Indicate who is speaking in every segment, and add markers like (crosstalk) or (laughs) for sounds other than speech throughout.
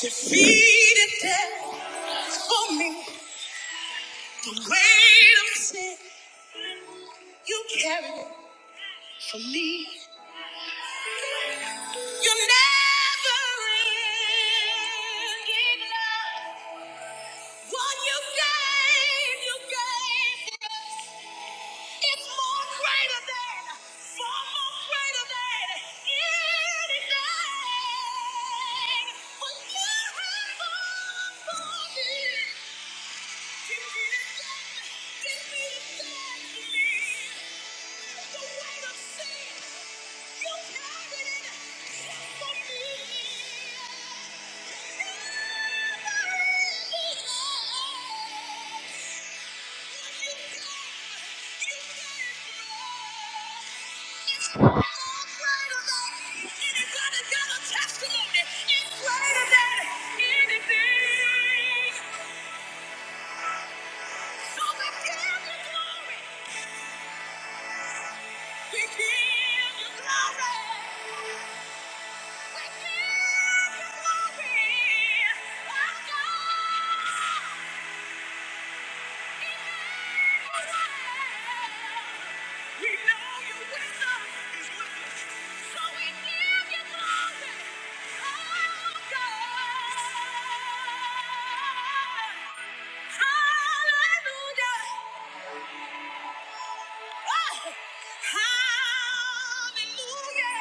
Speaker 1: Defeated death for me. The weight of sin you carried for me. You never ended love. What you gave, you gave us. It's more greater than, far more greater than anything. What you have done for me. Testimony is greater than anything. So we give glory. We give you glory. We give you glory. Our God is We know your wisdom is with us. So we give you glory. our God. Hallelujah. Hallelujah!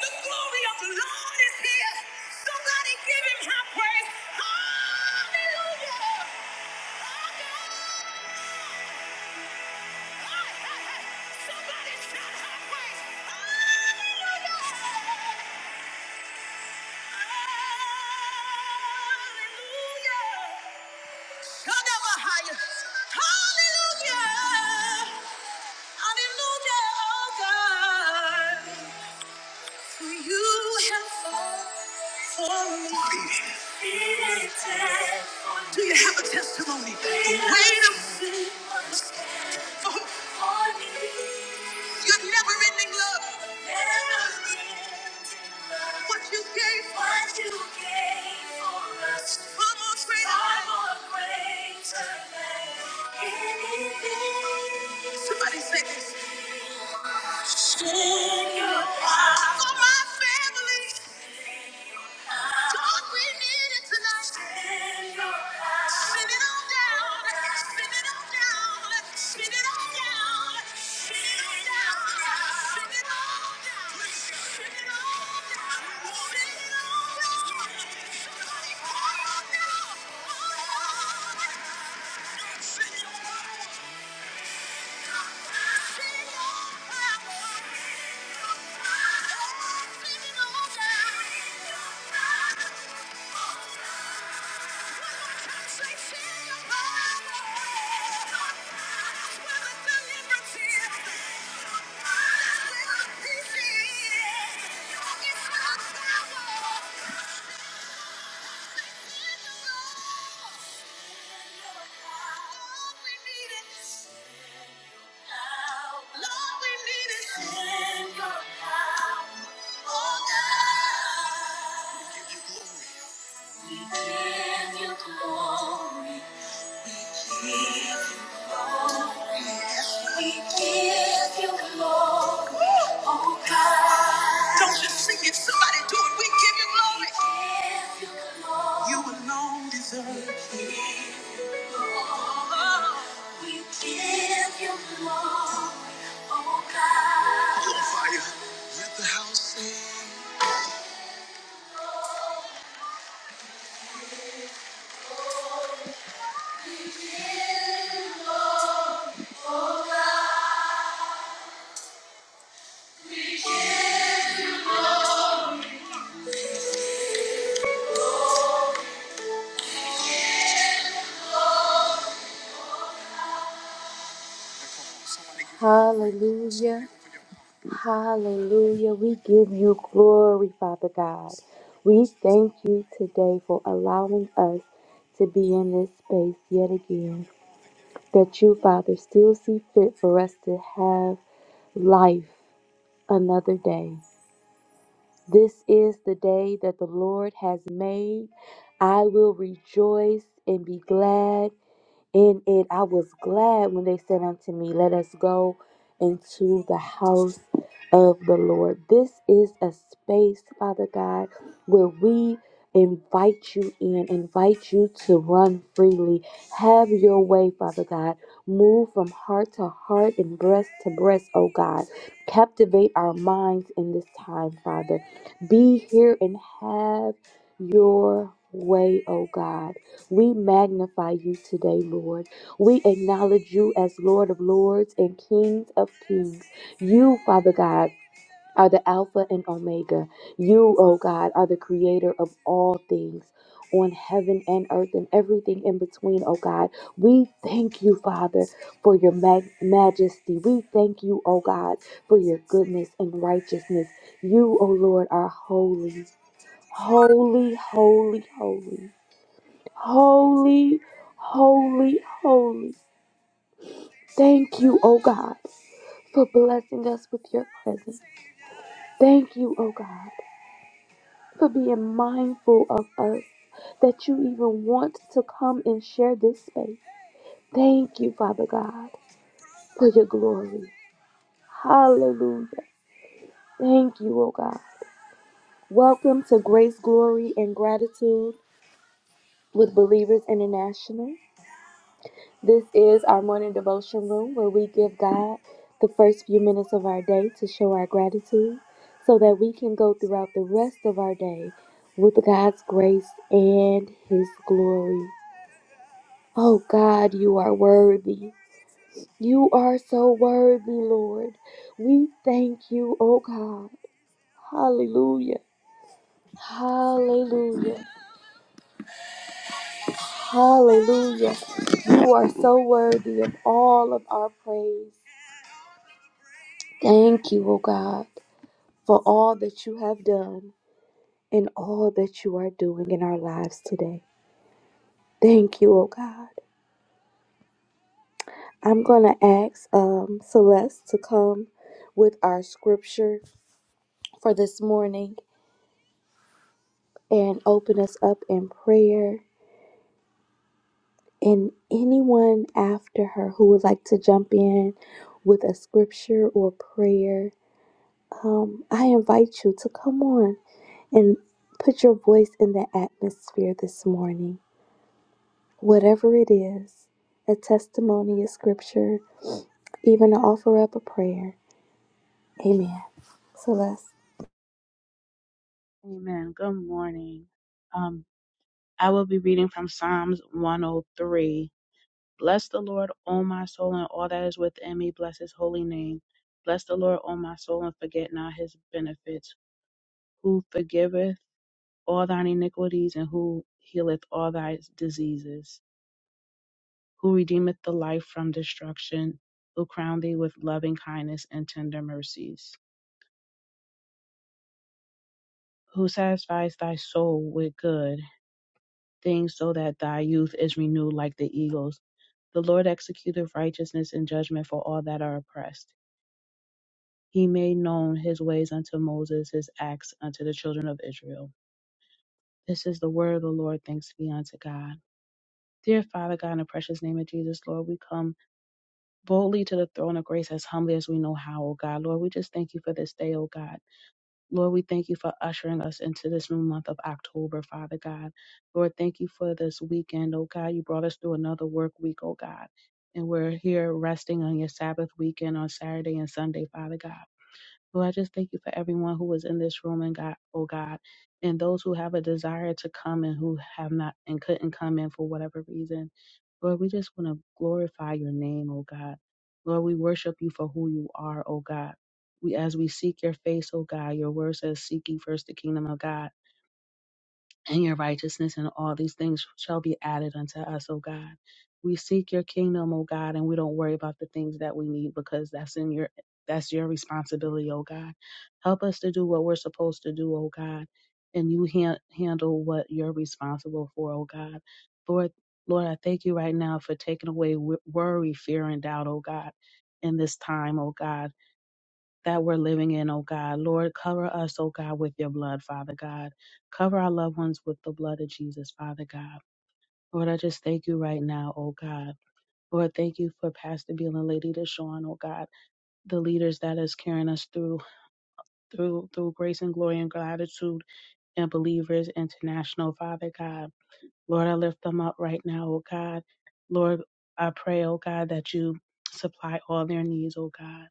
Speaker 1: The glory of the Lord is here. Somebody give him high praise. Hallelujah! Oh God. Hey, hey, hey. Somebody shout high praise. Hallelujah! Hallelujah! God of higher. Hallelujah! Hallelujah, oh God. You have fought for me. Do you have a testimony? Wait a for Your never ending love. What you gave for us. Far more greater. Somebody say this. For my family. God, we need it tonight. Spin your power. Spin it all down. Spin it all down. Spin it all down. Spin it all down. Spin it all down. Spin it all down. Spin it all down. Somebody call out now. Oh, Lord. Spin your power. Oh, we need it oh Yes, Don't just sing it, somebody do it. We give you glory. oh Hallelujah, hallelujah. We give you glory, Father God. We thank you today for allowing us to be in this space yet again. that you, Father, still see fit for us to have life another day. This is the day that the Lord has made. I will rejoice and be glad in it I was glad when they said unto me, Let us go into the house of the Lord. This is a space, Father God, where we invite you in, invite you to run freely. Have your way, Father God. Move from heart to heart and breast to breast, oh God. Captivate our minds in this time, Father. Be here and have your way, oh God. We magnify you today, Lord. We acknowledge you as Lord of Lords and Kings of Kings. You, Father God, are the Alpha and Omega. You, O God, are the creator of all things on heaven and earth and everything in between, O God. We thank you, Father, for your mag- majesty. We thank you, O God, for your goodness and righteousness. You, O Lord, are holy, holy, holy, holy. Holy, holy, holy. Thank you, O God, for blessing us with your presence. Thank you, O God, for being mindful of us that you even want to come and share this space. Thank you, Father God, for your glory. Hallelujah. Thank you, O God. Welcome to Grace, Glory, and Gratitude with Believers International. This is our morning devotion room where we give God the first few minutes of our day to show our gratitude so that we can go throughout the rest of our day with God's grace and His glory. Oh God, you are worthy. You are so worthy, Lord. We thank you, oh God. Hallelujah. Hallelujah. Hallelujah. You are so worthy of all of our praise. Thank you, O God, for all that you have done and all that you are doing in our lives today. Thank you, O God. I'm going to ask um, Celeste to come with our scripture for this morning and open us up in prayer. And anyone after her who would like to jump in with a scripture or prayer I invite you to come on and put your voice in the atmosphere this morning. Whatever it is, a testimony, a scripture, even to offer up a prayer. Amen. Celeste.
Speaker 2: Amen. Good morning. Um, I will be reading from Psalms 103. Bless the Lord, O my soul, and all that is within me. Bless his holy name. Bless the Lord, O my soul, and forget not his benefits, who forgiveth all thine iniquities and who healeth all thy diseases, who redeemeth the life from destruction, who crown thee with loving kindness and tender mercies, who satisfies thy soul with good things so that thy youth is renewed like the eagles. The Lord executeth righteousness and judgment for all that are oppressed. He made known his ways unto Moses, his acts unto the children of Israel. This is the word of the Lord. Thanks be unto God. Dear Father God, in the precious name of Jesus, Lord, we come boldly to the throne of grace as humbly as we know how, O God. Lord, we just thank you for this day, O God. Lord, we thank you for ushering us into this new month of October, Father God. Lord, thank you for this weekend, oh God. You brought us through another work week, oh God. And we're here resting on your Sabbath weekend on Saturday and Sunday, Father God. Lord, I just thank you for everyone who was in this room and God, oh God, and those who have a desire to come and who have not and couldn't come in for whatever reason. Lord, we just want to glorify your name, oh God. Lord, we worship you for who you are, oh God. We as we seek your face, oh God, your word says seek ye first the kingdom of God and your righteousness, and all these things shall be added unto us, O God. We seek your kingdom, O God, and we don't worry about the things that we need because that's in your that's your responsibility, O God. Help us to do what we're supposed to do, O God, and you han- handle what you're responsible for, O God. Lord, Lord, I thank you right now for taking away w- worry, fear, and doubt, O God, in this time, O God that we're living in, oh God. Lord, cover us, oh God, with your blood, Father God. Cover our loved ones with the blood of Jesus, Father God. Lord, I just thank you right now, oh God. Lord, thank you for Pastor Beal and Lady Deshawn, oh God, the leaders that is carrying us through, through, through grace and glory and gratitude and Believers International, Father God. Lord, I lift them up right now, oh God. Lord, I pray, oh God, that you supply all their needs, oh God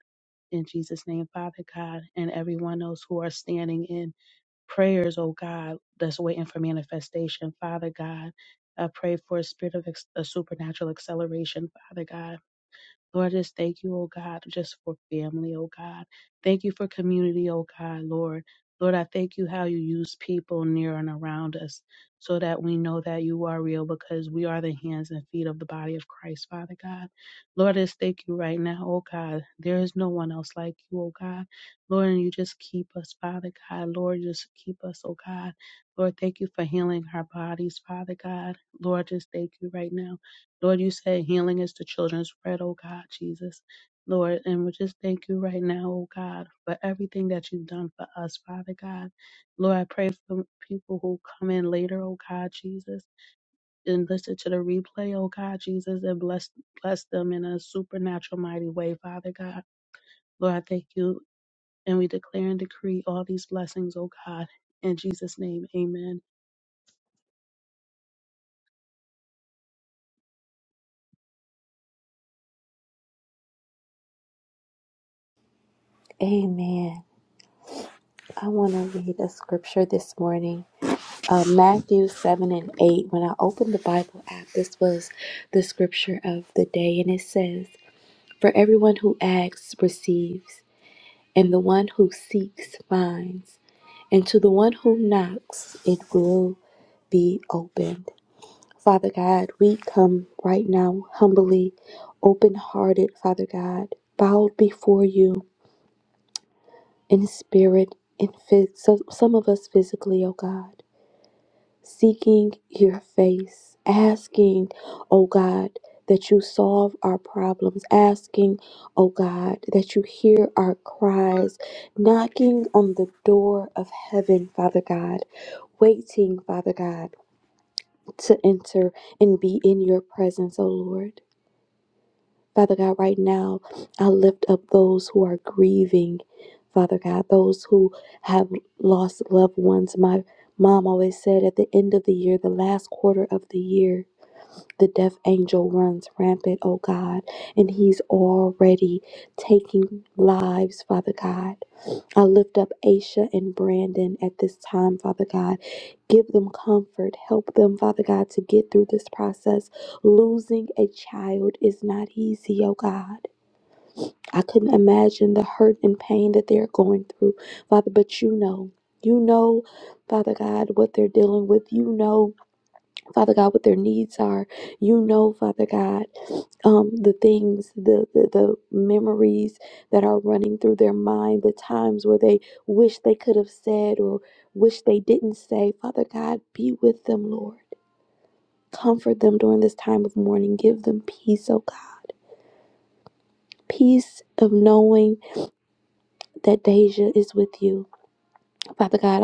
Speaker 2: in Jesus' name, Father God, and everyone else who are standing in prayers, oh God, that's waiting for manifestation, Father God. I pray for a spirit of ex- a supernatural acceleration, Father God. Lord, I just thank you, oh God, just for family, oh God. Thank you for community, oh God, Lord. Lord, I thank you how you use people near and around us so that we know that you are real because we are the hands and feet of the body of Christ, Father God. Lord, I just thank you right now, oh God. There is no one else like you, oh God. Lord, and you just keep us, Father God. Lord, just keep us, oh God. Lord, thank you for healing our bodies, Father God. Lord, just thank you right now. Lord, you said healing is the children's bread, oh God, Jesus. Lord, and we just thank you right now, oh God, for everything that you've done for us, Father God. Lord, I pray for people who come in later, oh God, Jesus, and listen to the replay, oh God, Jesus, and bless bless them in a supernatural mighty way, Father God. Lord, I thank you, and we declare and decree all these blessings, oh God. In Jesus' name, amen.
Speaker 1: Amen. I want to read a scripture this morning. Uh, Matthew 7 and 8. When I opened the Bible app, this was the scripture of the day, and it says, For everyone who asks receives, and the one who seeks finds And to the one who knocks, it will be opened. Father God, we come right now humbly, open hearted, Father God, bowed before you in spirit, and phys- so- some of us physically, oh God, seeking your face, asking, oh God, that you solve our problems, asking, oh God, that you hear our cries, knocking on the door of heaven, Father God, waiting, Father God. to enter and be in your presence, O Lord. Father God, right now, I lift up those who are grieving, Father God, those who have lost loved ones. My mom always said at the end of the year, the last quarter of the year, the death angel runs rampant, oh God, and he's already taking lives, Father God. I lift up Aisha and Brandon at this time, Father God. Give them comfort. Help them, Father God, to get through this process. Losing a child is not easy, oh God. I couldn't imagine the hurt and pain that they're going through, Father, but you know. You know, Father God, what they're dealing with. You know Father God, what their needs are. You know, Father God, um, the things, the, the the memories that are running through their mind, the times where they wish they could have said or wish they didn't say. Father God, be with them, Lord. Comfort them during this time of mourning. Give them peace, oh God. Peace of knowing that Deja is with you Father God,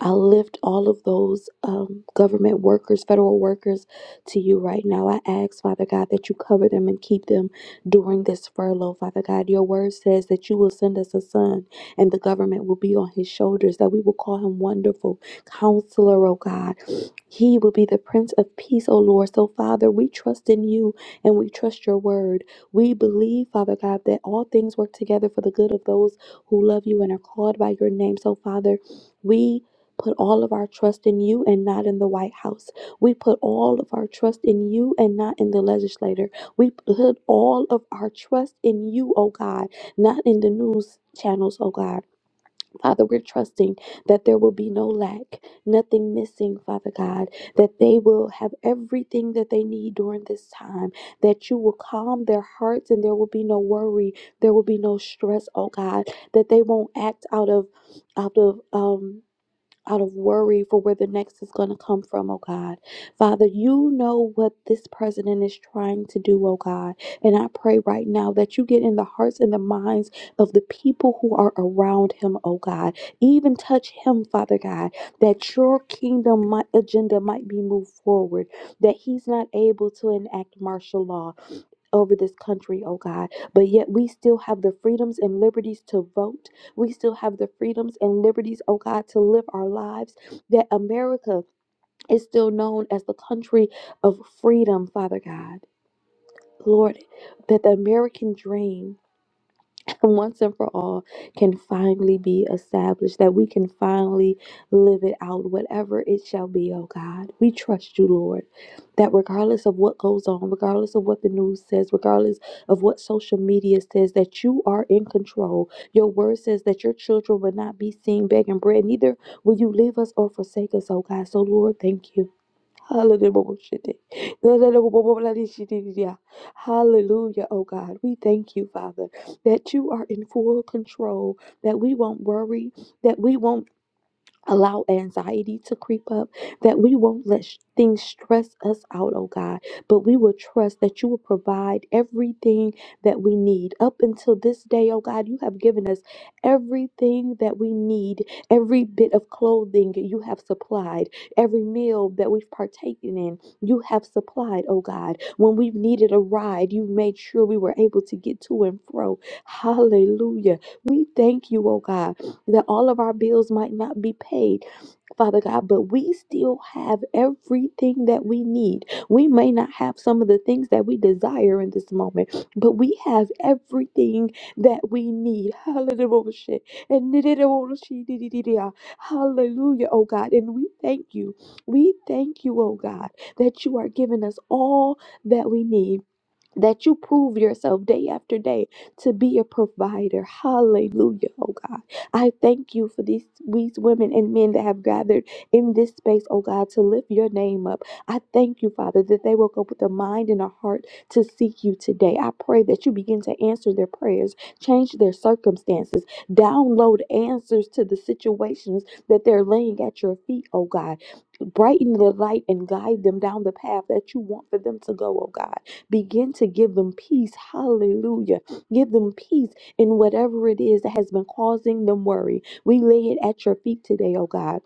Speaker 1: I, I lift all of those um, government workers, federal workers to you right now. I ask, Father God, that you cover them and keep them during this furlough. Father God, your word says that you will send us a son and the government will be on his shoulders, that we will call him Wonderful Counselor, oh God. He will be the Prince of Peace, oh Lord. So, Father, we trust in you and we trust your word. We believe, Father God, that all things work together for the good of those who love you and are called by your name. So, Father, we put all of our trust in you and not in the White House. We put all of our trust in you and not in the legislator. We put all of our trust in you, oh God, not in the news channels, oh God. Father, we're trusting that there will be no lack, nothing missing, Father God, that they will have everything that they need during this time, that you will calm their hearts and there will be no worry, there will be no stress, oh God, that they won't act out of out of um out of worry for where the next is going to come from, oh God. Father, you know what this president is trying to do, oh God. And I pray right now that you get in the hearts and the minds of the people who are around him, oh God. Even touch him, Father God, that your kingdom mi- agenda might be moved forward, that he's not able to enact martial law, over this country, oh God. But yet we still have the freedoms and liberties to vote. We still have the freedoms and liberties, oh God, to live our lives. That America is still known as the country of freedom, Father God. Lord, that the American dream (laughs) once and for all can finally be established, that we can finally live it out, whatever it shall be, oh God. We trust you, Lord, that regardless of what goes on, regardless of what the news says, regardless of what social media says, that you are in control. Your word says that your children will not be seen begging bread, neither will you leave us or forsake us, oh God. So, Lord, thank you. Hallelujah, Bobo shitty. No, no, no, bo- bo- bo- bloody shitty, yeah. Hallelujah! oh God. We thank you, Father, that you are in full control, that we won't worry, that we won't allow anxiety to creep up, that we won't let sh- things stress us out, oh God, but we will trust that you will provide everything that we need. Up until this day, oh God, you have given us everything that we need, every bit of clothing you have supplied, every meal that we've partaken in, you have supplied, oh God. When we've needed a ride, you made sure we were able to get to and fro. Hallelujah. We thank you, oh God that all of our bills might not be paid. Father God, but we still have everything that we need. We may not have some of the things that we desire in this moment, but we have everything that we need. (laughs) Hallelujah. And it is all she did it, it, yeah. Hallelujah, oh God. And we thank you. We thank you, oh God, that you are giving us all that we need that you prove yourself day after day to be a provider. Hallelujah, oh God. I thank you for these, these women and men that have gathered in this space, oh God, to lift your name up. I thank you, Father, that they woke up with a mind and a heart to seek you today. I pray that you begin to answer their prayers, change their circumstances, download answers to the situations that they're laying at your feet, oh God brighten the light and guide them down the path that you want for them to go, oh God. Begin to give them peace. Hallelujah. Give them peace in whatever it is that has been causing them worry. We lay it at your feet today, oh God.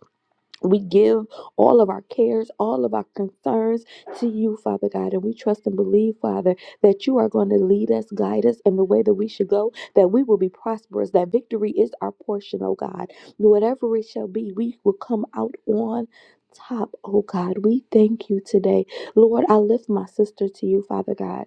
Speaker 1: We give all of our cares, all of our concerns to you, Father God. And we trust and believe, Father, that you are going to lead us, guide us in the way that we should go, that we will be prosperous, that victory is our portion, oh God. Whatever it shall be, we will come out on top, oh God. We thank you today. Lord, I lift my sister to you, Father God.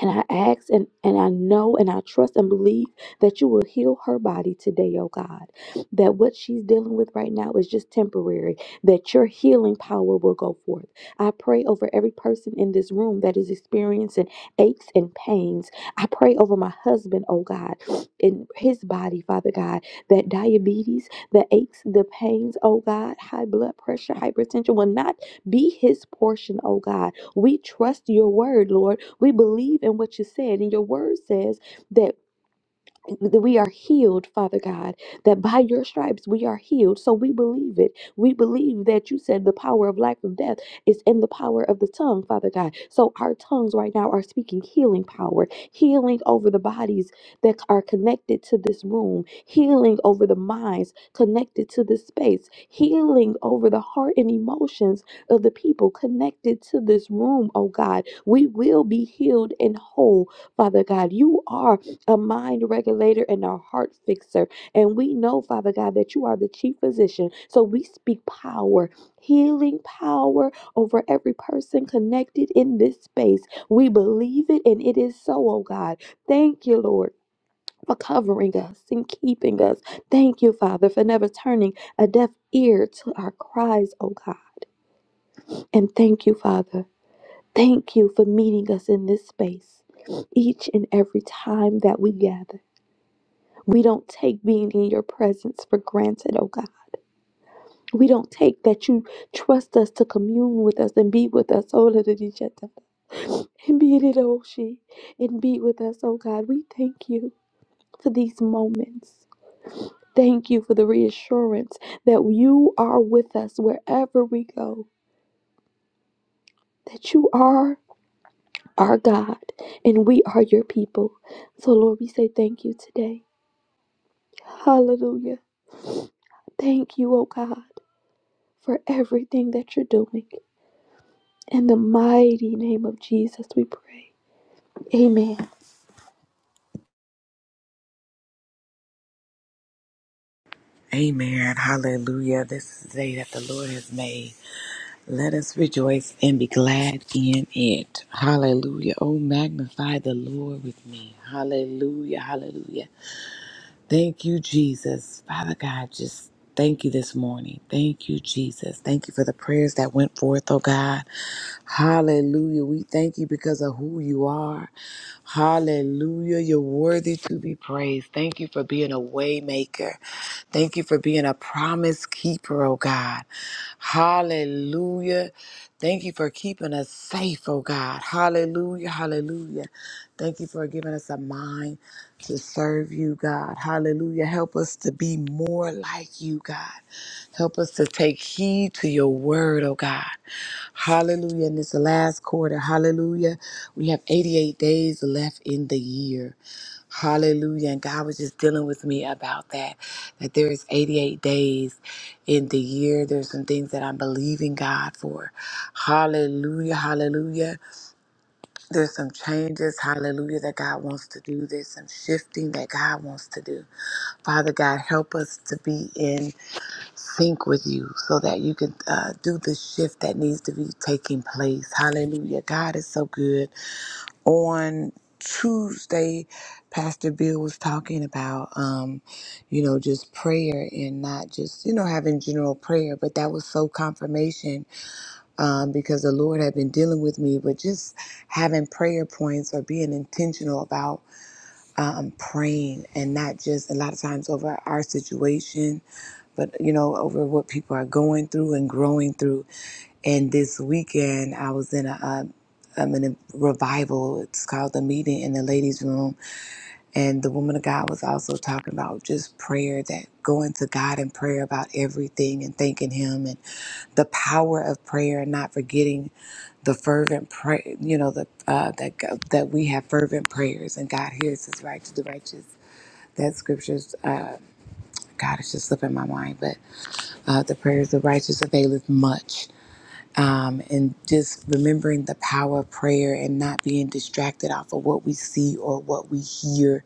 Speaker 1: And I ask and, and I know and I trust and believe that you will heal her body today, oh God. That what she's dealing with right now is just temporary, that your healing power will go forth. I pray over every person in this room that is experiencing aches and pains. I pray over my husband, oh God, in his body, Father God, that diabetes, the aches, the pains, oh God, high blood pressure, hypertension will not be his portion, oh God. We trust your word, Lord we believe in what you said, and your word says that that we are healed, Father God, that by your stripes we are healed. So we believe it. We believe that you said the power of life and death is in the power of the tongue, Father God. So our tongues right now are speaking healing power, healing over the bodies that are connected to this room, healing over the minds connected to this space, healing over the heart and emotions of the people connected to this room, oh God. We will be healed and whole, Father God. You are a mind regulator and a heart fixer. And we know, Father God, that you are the chief physician. So we speak power, healing power over every person connected in this space. We believe it and it is so, oh God. Thank you, Lord. For covering us and keeping us. Thank you, Father, for never turning a deaf ear to our cries, oh God. And thank you, Father. Thank you for meeting us in this space each and every time that we gather. We don't take being in your presence for granted, oh God. We don't take that you trust us to commune with us and be with us, oh Lord, and each other. and be in it, oh she, and be with us, oh God. We thank you for these moments. Thank you for the reassurance that you are with us wherever we go, that you are our God and we are your people. So, Lord, we say thank you today. Hallelujah. Thank you, oh God, for everything that you're doing. In the mighty name of Jesus, we pray. Amen.
Speaker 3: Amen. Hallelujah. This is the day that the Lord has made. Let us rejoice and be glad in it. Hallelujah. Oh, magnify the Lord with me. Hallelujah. Hallelujah. Thank you, Jesus. Father God, just thank you this morning. Thank you, Jesus. Thank you for the prayers that went forth, oh God. Hallelujah. We thank you because of who you are. Hallelujah. You're worthy to be praised. Thank you for being a way maker. Thank you for being a promise keeper, oh God. Hallelujah. Thank you for keeping us safe, oh God. Hallelujah. Hallelujah. Thank you for giving us a mind to serve you, God. Hallelujah. Help us to be more like you, God. Help us to take heed to your word, oh God. Hallelujah. In this last quarter, hallelujah. We have 88 days left in the year. Hallelujah. And God was just dealing with me about that, that there is 88 days in the year. There's some things that I'm believing God for. Hallelujah. Hallelujah. There's some changes, hallelujah, that God wants to do. There's some shifting that God wants to do. Father God, help us to be in sync with you so that you can uh, do the shift that needs to be taking place. Hallelujah. God is so good. On Tuesday, Pastor Bill was talking about, um, you know, just prayer and not just, you know, having general prayer, but that was so confirmation um, because the Lord had been dealing with me with just having prayer points or being intentional about um, praying and not just a lot of times over our situation but you know, over what people are going through and growing through. And this weekend, I was in a, am in a revival. It's called the meeting in the ladies' room, and the woman of God was also talking about just prayer, that going to God in prayer about everything and thanking Him, and the power of prayer, and not forgetting the fervent prayer. You know, the uh, that that we have fervent prayers, and God hears His righteous, the righteous. That scriptures, uh, God, it's just slipping my mind, but uh, the prayers of the righteous availeth much. Um, and just remembering the power of prayer and not being distracted off of what we see or what we hear,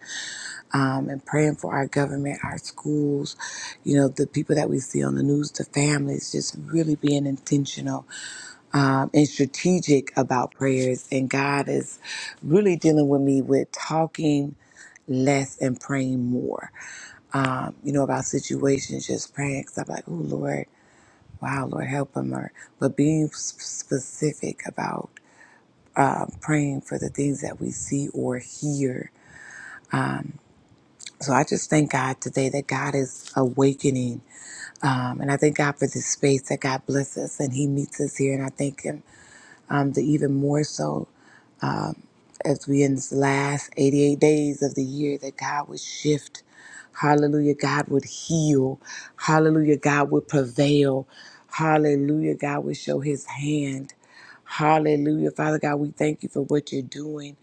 Speaker 3: um, and praying for our government, our schools, you know, the people that we see on the news, the families, just really being intentional um, and strategic about prayers. And God is really dealing with me with talking less and praying more. Um, you know, about situations, just praying because I'm like, oh Lord, Wow, Lord, help them, Lord. But being specific about praying for the things that we see or hear. So I just thank God today that God is awakening. Um, and I thank God for this space that God blesses and He meets us here. And I thank Him um, the even more so. as we in this last 88 days of the year that God would shift. Hallelujah. God would heal. Hallelujah. God would prevail. Hallelujah. God would show his hand. Hallelujah. Father God, we thank you for what you're doing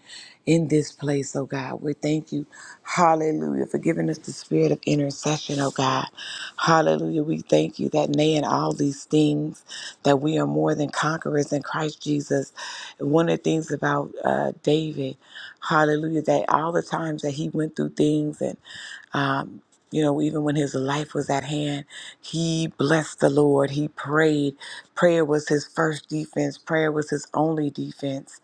Speaker 3: in this place, oh God. We thank you, hallelujah, for giving us the spirit of intercession, oh God. Hallelujah. We thank you that, nay, in all these things, that we are more than conquerors in Christ Jesus one of the things about uh, David, hallelujah, that all the times that he went through things and, um, you know, even when his life was at hand, he blessed the Lord. He prayed. Prayer was his first defense. Prayer was his only defense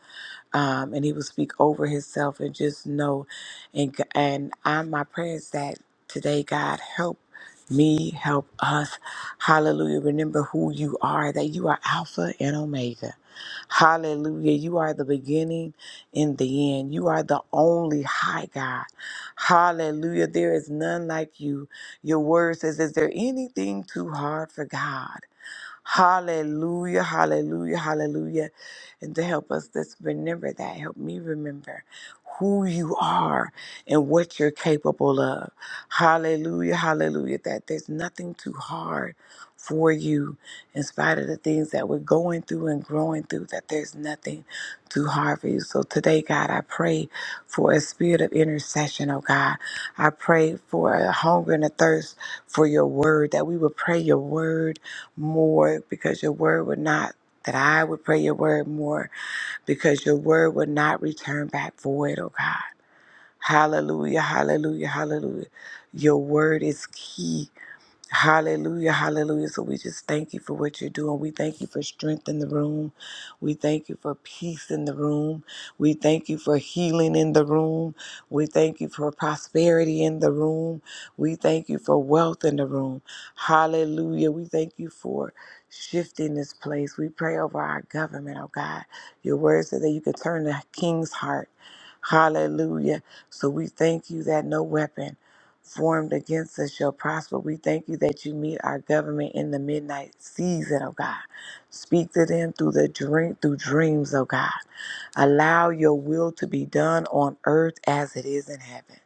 Speaker 3: um, and he will speak over himself and just know and and I my prayer is that today God help me help us hallelujah remember who you are that you are alpha and omega hallelujah you are the beginning and the end you are the only high god hallelujah there is none like you your word says is there anything too hard for god Hallelujah, hallelujah, hallelujah. And to help us just remember that, help me remember who you are and what you're capable of. Hallelujah, hallelujah, that there's nothing too hard for you in spite of the things that we're going through and growing through, that there's nothing too hard for you. So today, God, I pray for a spirit of intercession, oh God. I pray for a hunger and a thirst for your word, that we would pray your word more because your word would not, that I would pray your word more because your word would not return back void, oh God. Hallelujah, hallelujah, hallelujah. Your word is key Hallelujah, hallelujah. So we just thank you for what you're doing. We thank you for strength in the room. We thank you for peace in the room. We thank you for healing in the room. We thank you for prosperity in the room. We thank you for wealth in the room. Hallelujah. We thank you for shifting this place. We pray over our government, oh God. Your word says that you can turn the king's heart. Hallelujah. So we thank you that no weapon formed against us shall prosper. We thank you that you meet our government in the midnight season, oh God. Speak to them through the dream through dreams, oh God. Allow your will to be done on earth as it is in heaven.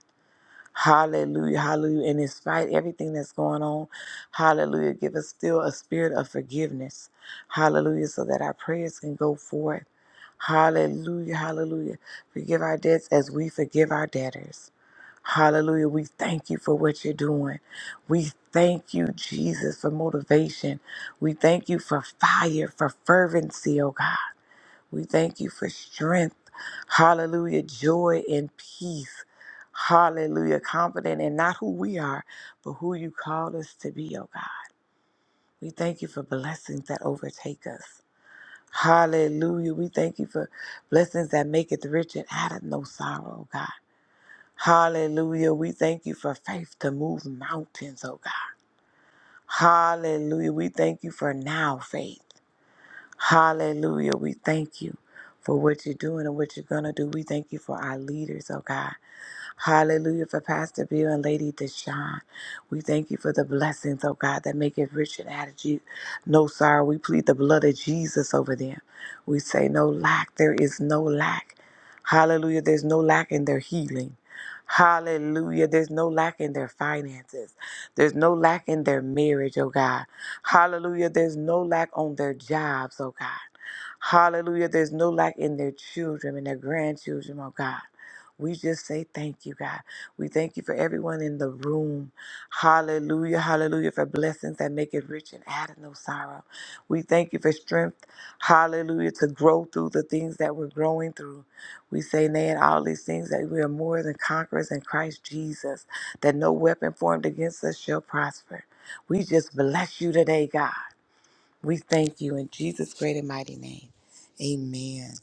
Speaker 3: Hallelujah, hallelujah. And despite everything that's going on, hallelujah, give us still a spirit of forgiveness. Hallelujah, so that our prayers can go forth. Hallelujah, hallelujah. Forgive our debts as we forgive our debtors. Hallelujah. We thank you for what you're doing. We thank you, Jesus, for motivation. We thank you for fire, for fervency, oh God. We thank you for strength. Hallelujah. Joy and peace. Hallelujah. Confident in not who we are, but who you called us to be, oh God. We thank you for blessings that overtake us. Hallelujah. We thank you for blessings that make it rich and out of no sorrow, oh God. Hallelujah. We thank you for faith to move mountains, oh God. Hallelujah. We thank you for now faith. Hallelujah. We thank you for what you're doing and what you're going to do. We thank you for our leaders, oh God. Hallelujah for Pastor Bill and Lady Deshawn. We thank you for the blessings, oh God, that make it rich and add you no sorrow. We plead the blood of Jesus over them. We say no lack. There is no lack. Hallelujah. There's no lack in their healing. Hallelujah. There's no lack in their finances. There's no lack in their marriage, oh God. Hallelujah. There's no lack on their jobs, oh God. Hallelujah. There's no lack in their children and their grandchildren, oh God. We just say thank you, God. We thank you for everyone in the room. Hallelujah. Hallelujah. For blessings that make it rich and add no sorrow. We thank you for strength. Hallelujah. To grow through the things that we're growing through. We say, nay, in all these things that we are more than conquerors in Christ Jesus, that no weapon formed against us shall prosper. We just bless you today, God. We thank you in Jesus' great and mighty name. Amen.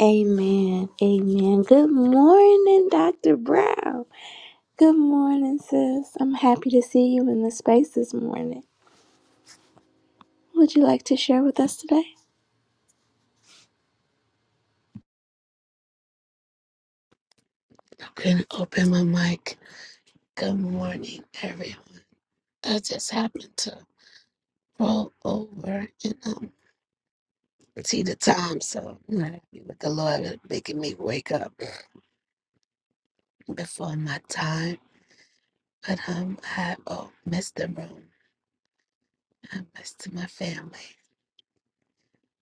Speaker 1: Amen. Amen. Good morning, Dr. Brown. Good morning, sis. I'm happy to see you in the space this morning. Would you like to share with us today?
Speaker 4: couldn't open my mic. Good morning, everyone. I just happened to roll over and um, see the time, so I'm not happy with the Lord for making me wake up before my time. But um, I oh, missed the room. I missed my family,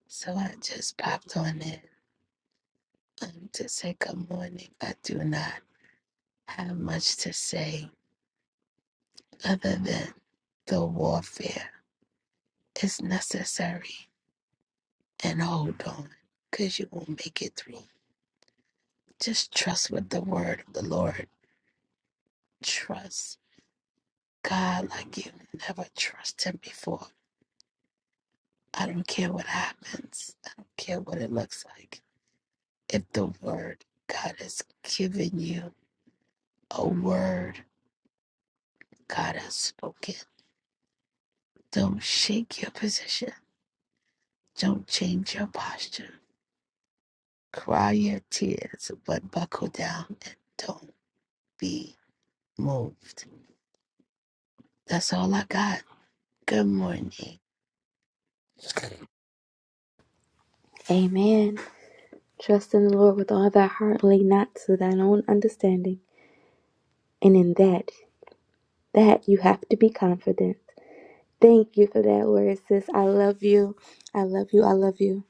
Speaker 4: so I just popped on in um, to say good morning. I do not have much to say other than the warfare is necessary and hold on because you will make it through. Just trust with the word of the Lord. Trust God like you never trust Him before. I don't care what happens, I don't care what it looks like. If the word God has given you, a word God has spoken, don't shake your position, don't change your posture. Cry your tears, but buckle down and don't be moved. That's all I got. Good morning. Okay.
Speaker 1: Amen. Trust in the Lord with all thy heart, lean not to thine own understanding. And in that, that you have to be confident. Thank you for that word, sis. I love you. I love you. I love you.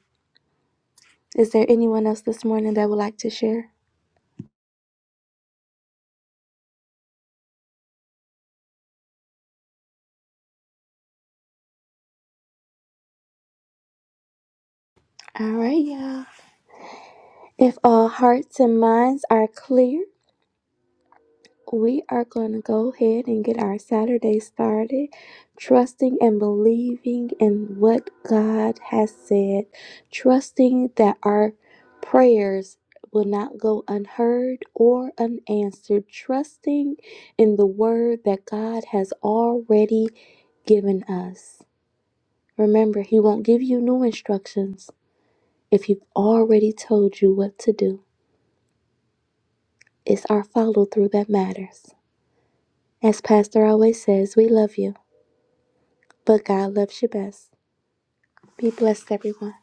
Speaker 1: Is there anyone else this morning that would like to share? All right, y'all. If all hearts and minds are clear, we are going to go ahead and get our Saturday started, trusting and believing in what God has said, trusting that our prayers will not go unheard or unanswered, trusting in the word that God has already given us. Remember, He won't give you new instructions if He's already told you what to do. It's our follow through that matters. As Pastor always says, we love you, but God loves you best. Be blessed, everyone.